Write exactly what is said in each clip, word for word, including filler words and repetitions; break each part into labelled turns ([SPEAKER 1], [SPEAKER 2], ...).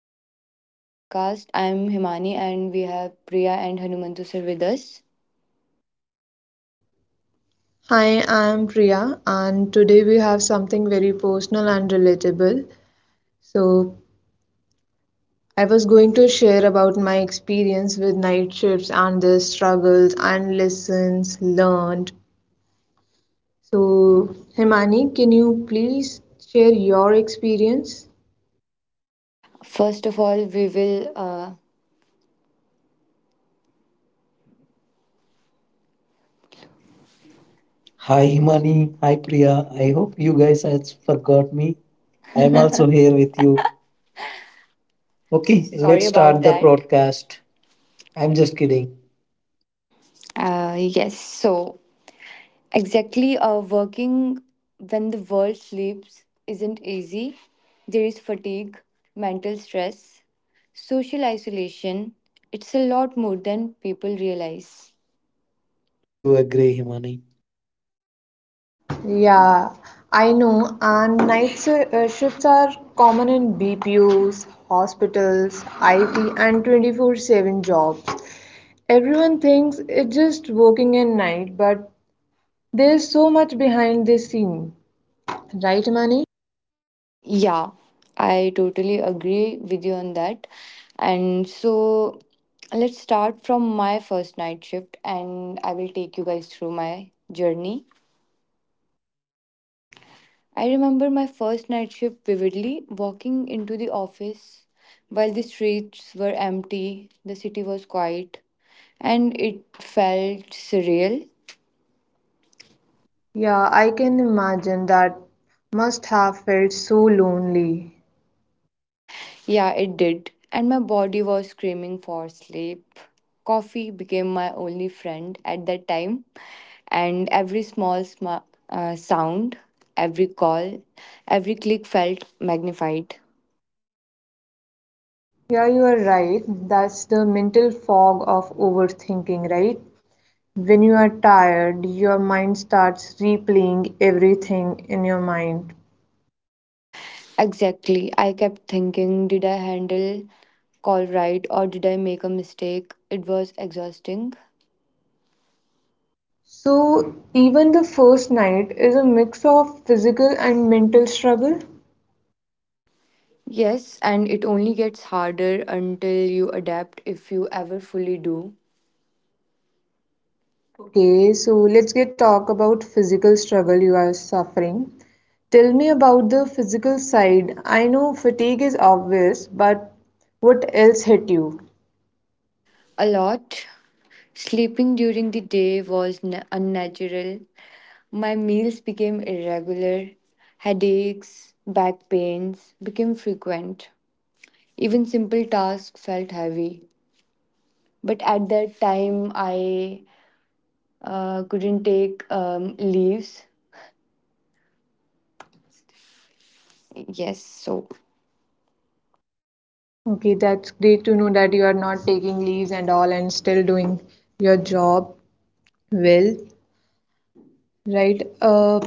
[SPEAKER 1] welcome back to the podcast. I'm Himani and we have Priya and Hanumantu sir with us.
[SPEAKER 2] Hi, I'm Priya, and today we have something very personal and relatable. So, I was going to share about my experience with night shifts and the struggles and lessons learned. So, Himani, can you please share your experience?
[SPEAKER 1] First of all, we will. Uh,
[SPEAKER 3] Hi
[SPEAKER 1] hi Himani,
[SPEAKER 3] Himani,
[SPEAKER 1] hi
[SPEAKER 3] hi
[SPEAKER 1] Priya.
[SPEAKER 3] Priya. I
[SPEAKER 1] I
[SPEAKER 3] hope
[SPEAKER 1] hope
[SPEAKER 3] you
[SPEAKER 1] you
[SPEAKER 3] guys
[SPEAKER 1] guys have
[SPEAKER 3] has forgot
[SPEAKER 1] forgot me.
[SPEAKER 3] me. I
[SPEAKER 1] I'm
[SPEAKER 3] am also
[SPEAKER 1] also
[SPEAKER 3] here
[SPEAKER 1] here with
[SPEAKER 3] with you.
[SPEAKER 1] you. Okay,
[SPEAKER 3] Okay,
[SPEAKER 1] sorry
[SPEAKER 3] let's
[SPEAKER 1] about
[SPEAKER 3] start the
[SPEAKER 1] that. Podcast.
[SPEAKER 3] broadcast. I'm
[SPEAKER 1] I'm just
[SPEAKER 3] just
[SPEAKER 1] kidding.
[SPEAKER 3] kidding.
[SPEAKER 1] Uh, yes, so exactly, uh, working when the world sleeps isn't easy. There is fatigue, mental stress, social isolation. It's a lot more than people realize.
[SPEAKER 3] I do agree, Himani.
[SPEAKER 2] Yeah, I know. And night shi- uh, shifts are common in B P Os, hospitals, I T, and twenty-four seven jobs. Everyone thinks it's just working at night, but there's so much behind the scene, right, Mani?
[SPEAKER 1] Yeah, I totally agree with you on that. And so let's start from my first night shift, and I will take you guys through my journey. I remember my first night shift vividly, walking into the office while the streets were empty, the city was quiet, and it felt surreal.
[SPEAKER 2] Yeah, I can imagine that must have felt so lonely.
[SPEAKER 1] Yeah, it did. And my body was screaming for sleep. Coffee became my only friend at that time, and every small sma- uh, sound, every call, every click felt magnified.
[SPEAKER 2] Yeah, you are right. That's the mental fog of overthinking, right? When you are tired, your mind starts replaying everything in your mind.
[SPEAKER 1] Exactly. I kept thinking, did I handle call right or did I make a mistake? It was exhausting.
[SPEAKER 2] So, even the first night is a mix of physical and mental struggle.
[SPEAKER 1] Yes, and it only gets harder until you adapt if you ever fully do.
[SPEAKER 2] Okay, so let's get talk about physical struggle you are suffering. Tell me about the physical side. I know fatigue is obvious, but what else hit you?
[SPEAKER 1] A lot. Sleeping during the day was n- unnatural. My meals became irregular. Headaches, back pains became frequent. Even simple tasks felt heavy. But at that time, I uh, couldn't take um, leaves. Yes, so
[SPEAKER 2] Okay, that's great to know that you are not taking leaves and all and still doing your job well, right? Uh,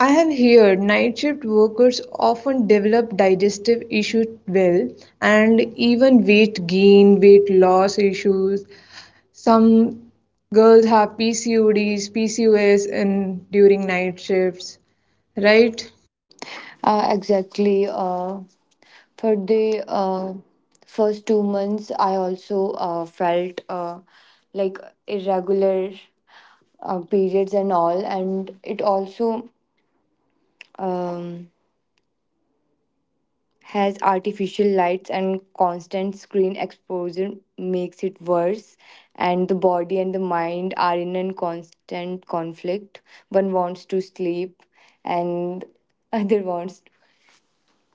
[SPEAKER 2] I have heard night shift workers often develop digestive issues well and even weight gain, weight loss issues. Some girls have P C O Ds, P C O S in during night shifts, right?
[SPEAKER 1] uh, exactly. Uh, For the uh, first two months, I also uh, felt uh, like irregular uh, periods and all, and it also. Um, has artificial lights and constant screen exposure makes it worse, and the body and the mind are in a constant conflict. One wants to sleep, and other wants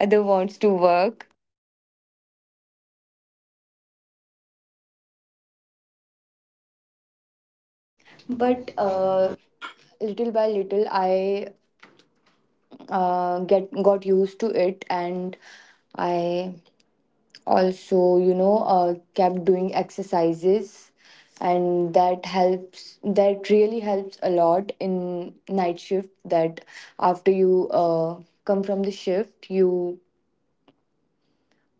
[SPEAKER 1] other wants to work. But uh, little by little, I uh, get got used to it, and I also, you know uh, kept doing exercises, and that helps that really helps a lot in night shift. That after you uh, come from the shift, you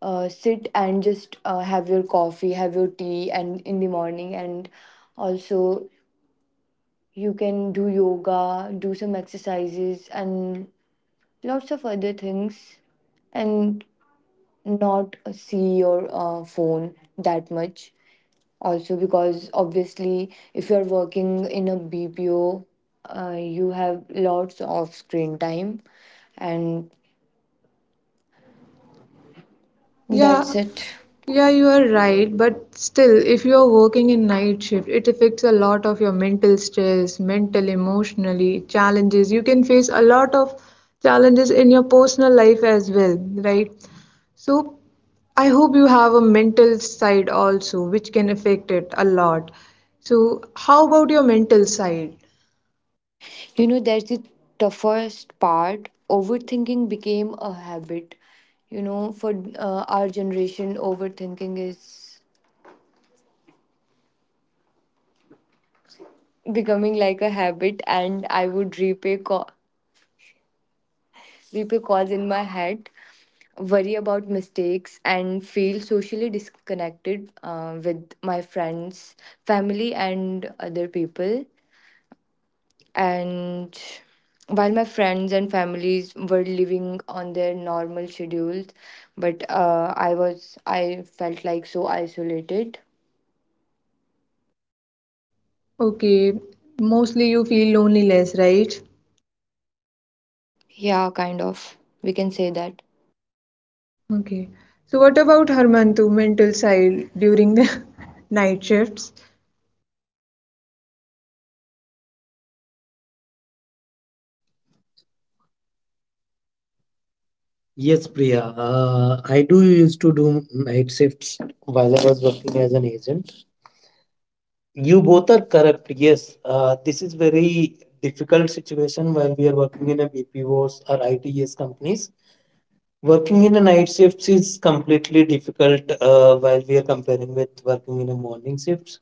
[SPEAKER 1] uh, sit and just uh, have your coffee, have your tea and in the morning. And also, you can do yoga, do some exercises, and lots of other things, and not see your uh, phone that much, also because obviously if you're working in a BPO, uh, you have lots of screen time. And
[SPEAKER 2] Yeah,
[SPEAKER 1] that's it.
[SPEAKER 2] Yeah, you are right, but still, if you are working in night shift, it affects a lot of your mental stress, mental, emotionally challenges. You can face a lot of challenges in your personal life as well, right? So, I hope you have a mental side also, which can affect it a lot. So, how about your mental side?
[SPEAKER 1] You know, that's the toughest part. Overthinking became a habit. You know, for uh, our generation, overthinking is becoming like a habit, and I would repay co- because in my head, worry about mistakes and feel socially disconnected uh, with my friends, family, and other people. And while my friends and families were living on their normal schedules, but uh, I was, I felt like so isolated.
[SPEAKER 2] Okay, mostly you feel loneliness, right?
[SPEAKER 1] Yeah, kind of. We can say that.
[SPEAKER 2] Okay. So what about Harmantu mental side during the night shifts?
[SPEAKER 3] Yes, Priya. Uh, I do used to do night shifts while I was working as an agent. You both are correct. Yes, uh, this is very difficult situation when we are working in a B P Os or I T S companies. Working in a night shifts is completely difficult uh, while we are comparing with working in a morning shifts.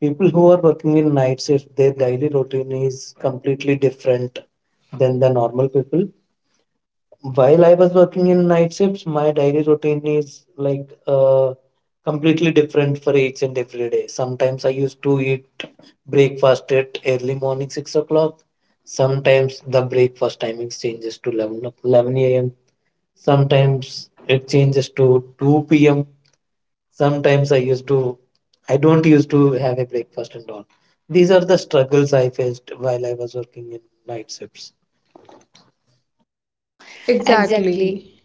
[SPEAKER 3] People who are working in night shift, their daily routine is completely different than the normal people. While I was working in night shifts, my daily routine is like uh, completely different for each and every day. Sometimes I used to eat breakfast at early morning six o'clock. Sometimes the breakfast timings changes to eleven, o- eleven a m. Sometimes it changes to two p m. Sometimes I used to, I don't used to have a breakfast and all. These are the struggles I faced while I was working in night shifts.
[SPEAKER 1] Exactly.
[SPEAKER 2] Exactly.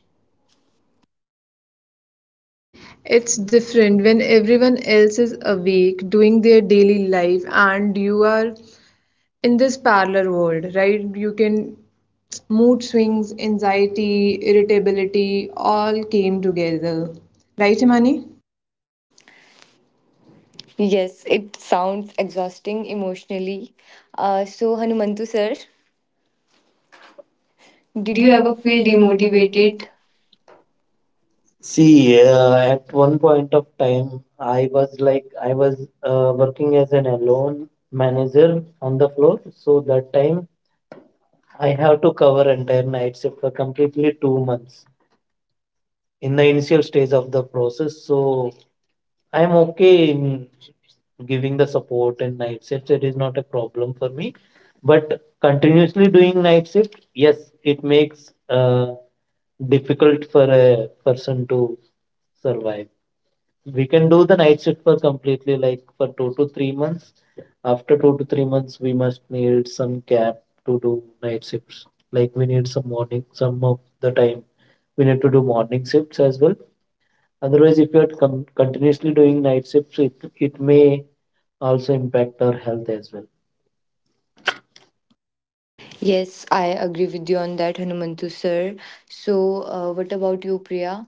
[SPEAKER 2] Exactly. It's different when everyone else is awake doing their daily life and you are in this parallel world, right? You can mood swings, anxiety, irritability all came together. Right, Imani?
[SPEAKER 1] Yes, it sounds exhausting emotionally. Uh, so, Hanumantu sir. Did
[SPEAKER 3] Did you
[SPEAKER 1] you ever
[SPEAKER 3] ever
[SPEAKER 1] feel
[SPEAKER 3] feel
[SPEAKER 1] demotivated?
[SPEAKER 3] demotivated? See, uh, at one point of time, I was like, I was uh, working as an alone manager on the floor. So that time, I have to cover entire night shift for completely two months in the initial stage of the process. So I'm okay in giving the support and night shifts. It is not a problem for me. But continuously doing night shift, yes, it makes uh, difficult for a person to survive. We can do the night shift for completely like for two to three months. After two to three months, we must need some gap to do night shifts. Like we need some morning, some of the time we need to do morning shifts as well. Otherwise, if you are con- continuously doing night shifts, it, it may also impact our health as well.
[SPEAKER 1] Yes, I agree with you on that, Hanumantu sir. So, uh, what about you, Priya?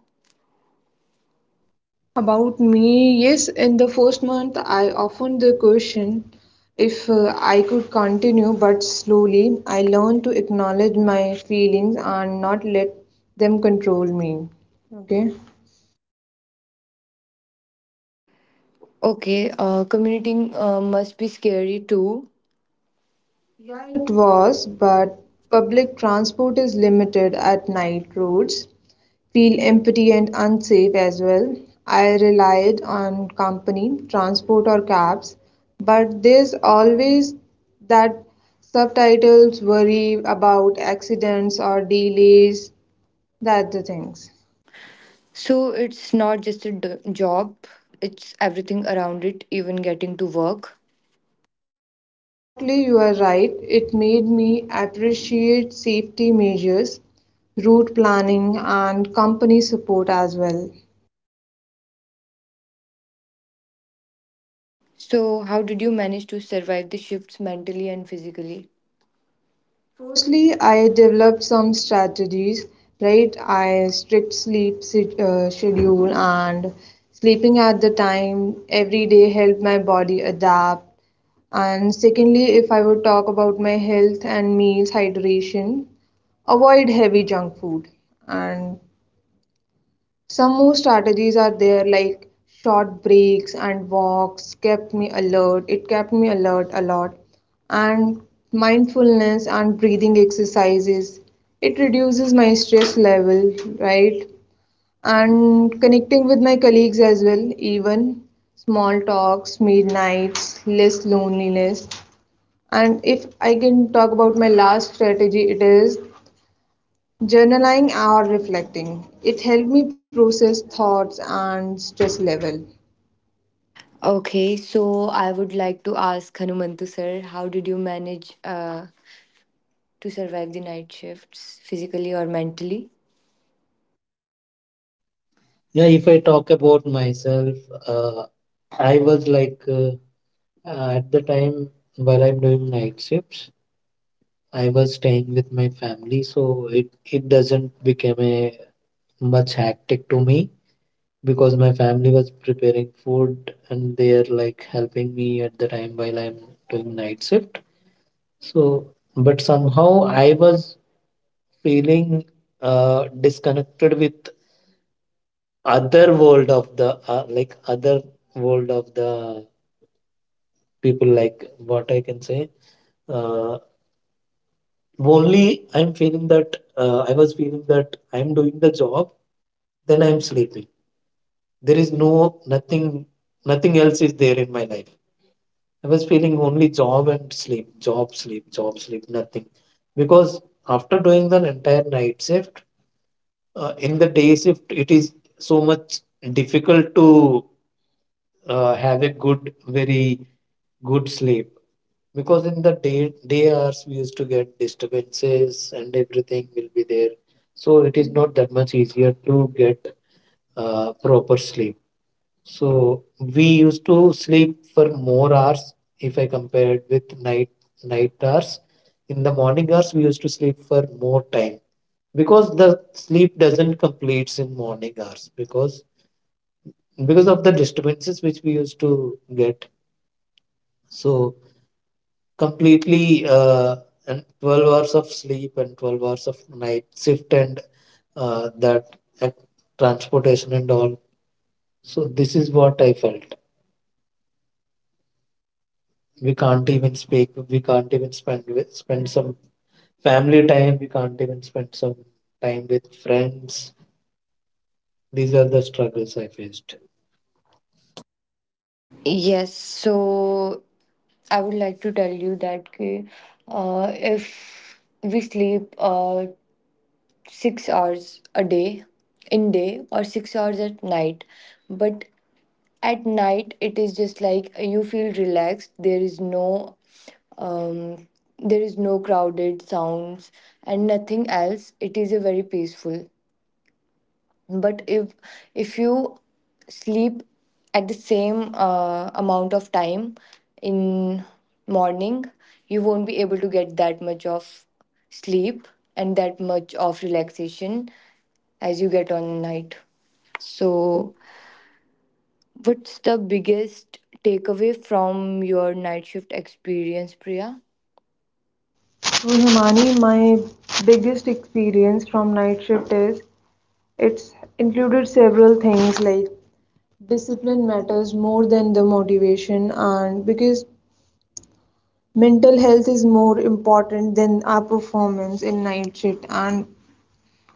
[SPEAKER 2] About me, yes, in the first month, I often the question if uh, I could continue, but slowly I learned to acknowledge my feelings and not let them control me. Okay.
[SPEAKER 1] Okay, uh, commuting uh, must be scary too. Yeah,
[SPEAKER 2] Yeah, it
[SPEAKER 1] it was,
[SPEAKER 2] was,
[SPEAKER 1] but
[SPEAKER 2] but
[SPEAKER 1] public.
[SPEAKER 2] public transport is limited at night roads. Feel empty and unsafe as well. I relied on company, transport, or cabs, but there's always that subtitles worry about accidents or delays. That's the things.
[SPEAKER 1] So, it's not just a d- job, it's everything around it, even getting to work.
[SPEAKER 2] Exactly, you are right. It made me appreciate safety measures, route planning, and company support as well.
[SPEAKER 1] So, how did you manage to survive the shifts mentally and physically?
[SPEAKER 2] Firstly, I developed some strategies, right? I strict sleep si- uh, schedule and sleeping at the time every day helped my body adapt. And secondly, if I would talk about my health and meals, hydration, avoid heavy junk food. And some more strategies are there like short breaks and walks kept me alert. It kept me alert a lot. And mindfulness and breathing exercises. It reduces my stress level, right? And connecting with my colleagues as well, even small talks, midnights, less loneliness. And if I can talk about my last strategy, it is journaling or reflecting. It helped me process thoughts and stress level.
[SPEAKER 1] Okay, so I would like to ask Hanumantu sir, how did you manage uh, to survive the night shifts physically or mentally?
[SPEAKER 3] Yeah, if I talk about myself, uh, I was like uh, at the time while I'm doing night shifts, I was staying with my family, so it it doesn't become a much hectic to me because my family was preparing food and they are like helping me at the time while I'm doing night shift. So, but somehow I was feeling uh, disconnected with other world of the uh, like other world of the people, like what I can say. uh, Only I'm feeling that, uh, I was feeling that I'm doing the job, then I'm sleeping. There is no, nothing nothing else is there in my life. I was feeling only job and sleep, job sleep, job sleep, nothing. Because after doing the entire night shift, uh, in the day shift it is so much difficult to uh, have a good, very good sleep, because in the day day hours we used to get disturbances and everything will be there. So it is not that much easier to get uh, proper sleep. So we used to sleep for more hours if I compared with night night hours. In the morning hours we used to sleep for more time because the sleep doesn't complete in morning hours, because because of the disturbances which we used to get. So completely uh, and twelve hours of sleep and twelve hours of night shift, and uh, that, and transportation and all. So this is what I felt. We can't even speak, we can't even spend with, spend some family time, we can't even spend some time with friends. These are the struggles I faced.
[SPEAKER 1] Yes, so I would like to tell you that कि, uh, if we sleep uh, six hours a day in day or six hours at night, but at night it is just like you feel relaxed. There is no um, there is no crowded sounds and nothing else. It is a very peaceful. But if if you sleep at the same uh, amount of time in morning, you won't be able to get that much of sleep and that much of relaxation as you get on night.
[SPEAKER 3] So
[SPEAKER 1] So what's the biggest takeaway from your night shift experience, Priya?
[SPEAKER 2] So, Himani, my biggest experience from night shift is it's included several things like discipline matters more than the motivation, and because mental health is more important than our performance in night shift, and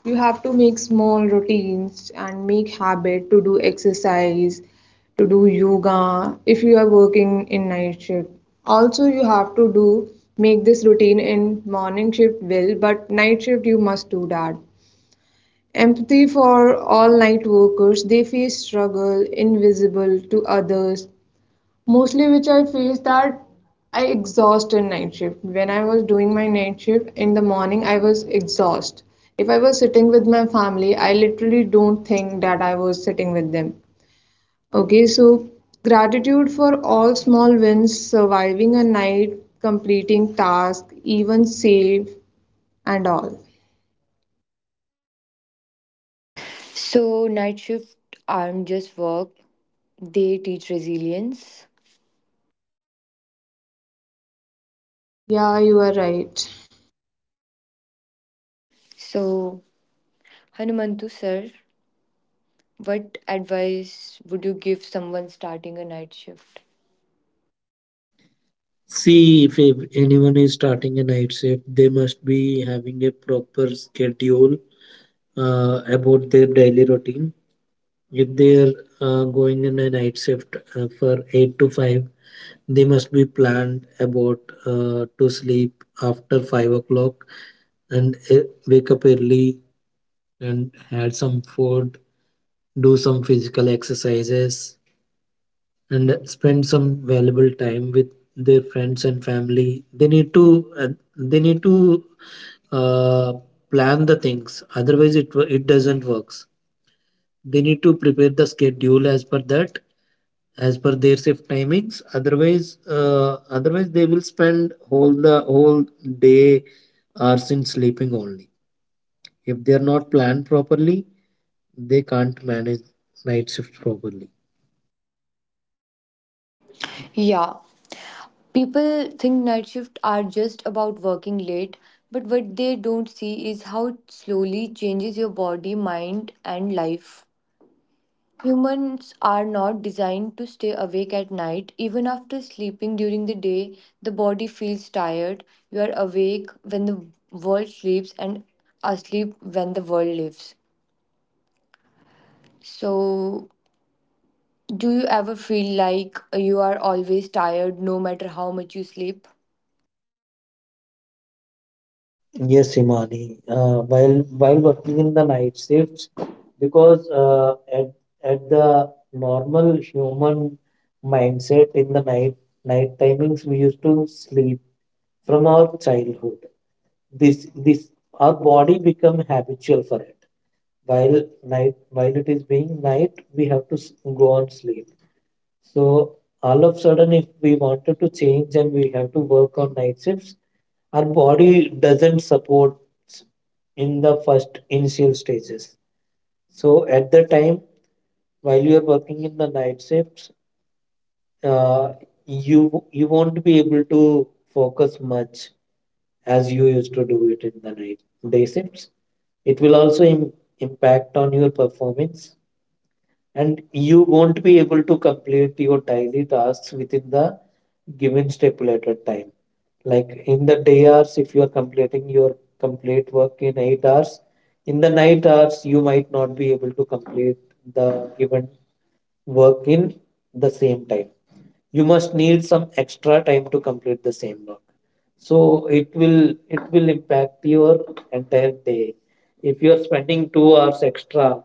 [SPEAKER 2] you have to make small routines and make habit to do exercise, to do yoga if you are working in night shift. Also, you have to do make this routine in morning shift will, but night shift you must do that. Empathy for all night workers, they face struggle invisible to others. Mostly, which I feel that I exhaust in night shift. When I was doing my night shift in the morning, I was exhaust. If I was sitting with my family, I literally don't think that I was sitting with them. Okay, so gratitude for all small wins, surviving a night, completing task, even save and all.
[SPEAKER 1] So night shift aren't just work, they teach resilience.
[SPEAKER 2] Yeah, you are right.
[SPEAKER 1] So Hanumantu sir, what advice would you give someone starting a night shift?
[SPEAKER 3] see, if ev- anyone is starting a night shift, they must be having a proper schedule uh, about their daily routine. If they are uh, going in a night shift uh, for eight to five, they must be planned about uh, to sleep after five o'clock and uh, wake up early and had some food, do some physical exercises, and spend some valuable time with their friends and family. They need to uh, they need to uh, plan the things, otherwise it wo- it doesn't works. They need to prepare the schedule as per that, as per their shift timings. Otherwise uh, otherwise they will spend whole the whole day hours in sleeping only. If they are not planned properly, they can't manage night shift properly.
[SPEAKER 1] Yeah, people think night shift are just about working late, but what they don't see is how it slowly changes your body, mind, and life. Humans are not designed to stay awake at night. Even after sleeping during the day, the body feels tired. You are awake when the world sleeps and asleep when the world lives. So, do you ever feel like you are always tired no matter how much you sleep?
[SPEAKER 3] Yes, Imani. Uh, while while working in the night shifts, because uh, at at the normal human mindset in the night night timings, we used to sleep from our childhood. This this our body become habitual for it. While night, while it is being night, we have to s- go on sleep. So all of sudden, if we wanted to change and we have to work on night shifts, our body doesn't support in the first initial stages. So at the time while you are working in the night shifts, uh, you you won't be able to focus much as you used to do it in the night day shifts. It will also im- impact on your performance, and you won't be able to complete your daily tasks within the given stipulated time. Like in the day hours, if you are completing your complete work in eight hours, in the night hours, you might not be able to complete the given work in the same time. You must need some extra time to complete the same work. So it will it will impact your entire day. If you are spending two hours extra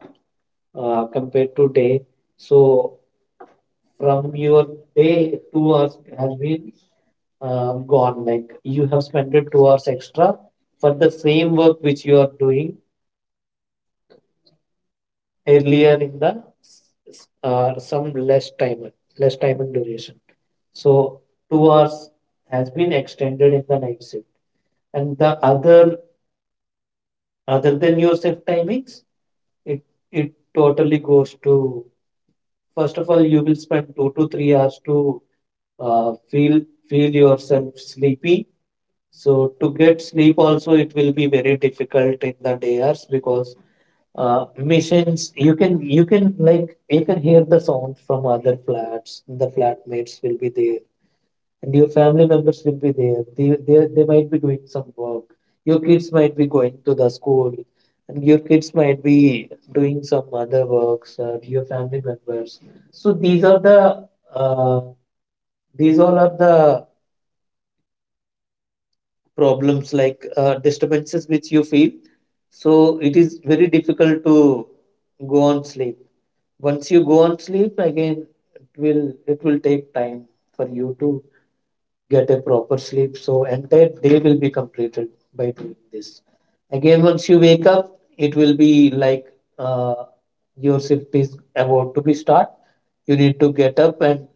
[SPEAKER 3] uh, compared to day, so from your day, two hours has been uh, gone. Like you have spent it two hours extra for the same work which you are doing earlier in the s- uh, some less time, less time and duration. So two hours has been extended in the night shift, and the other other than your shift timings, it it totally goes to. First of all, you will spend two to three hours to uh, feel feel yourself sleepy. So to get sleep also, it will be very difficult in the day hours, because uh, missions you can, you can like you can hear the sound from other flats. The flatmates will be there, and your family members will be there. They they they might be doing some work. Your kids might be going to the school, and your kids might be doing some other works. Uh, your family members. So these are the uh, these all are the problems, like uh, disturbances which you feel. So it is very difficult to go on sleep. Once you go on sleep again, it will it will take time for you to get a proper sleep. So entire day will be completed by doing this. Again, once you wake up, it will be like uh, your shift is about to be start. You need to get up and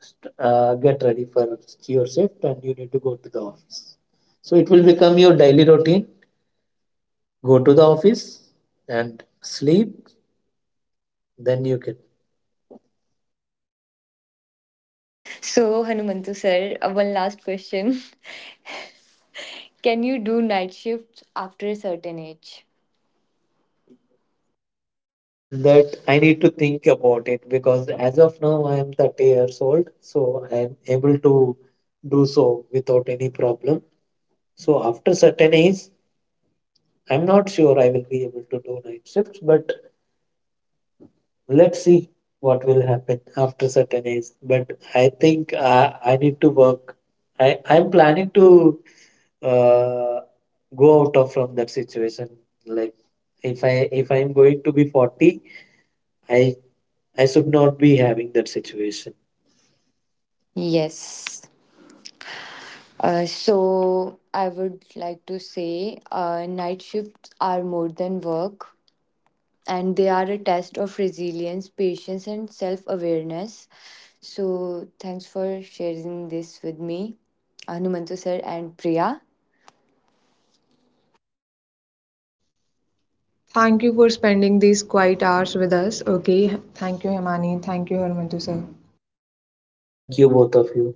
[SPEAKER 3] st- uh, get ready for your shift, and you need to go to the office. So it will become your daily routine. Go to the office and sleep. Then you can.
[SPEAKER 1] So, Hanumantu sir, uh, one last question. Can you do night shifts after a certain age?
[SPEAKER 3] That I need to think about it because as of now I am thirty years old, so I am able to do so without any problem. So after certain age, I'm not sure I will be able to do night shifts, but let's see what will happen after certain age. But I think I, I need to work. I, I'm planning to uh, go out of from that situation. Like if I if I'm going to be forty, I I should not be having that situation.
[SPEAKER 1] Yes. Uh, so, I would like to say uh, night shifts are more than work, and they are a test of resilience, patience, and self awareness. So, thanks for sharing this with me, Hanumantu sir and Priya.
[SPEAKER 2] Thank you for spending these quiet hours with us. Okay, thank you, Himani. Thank you, Harmantu sir.
[SPEAKER 3] Thank you, both of you.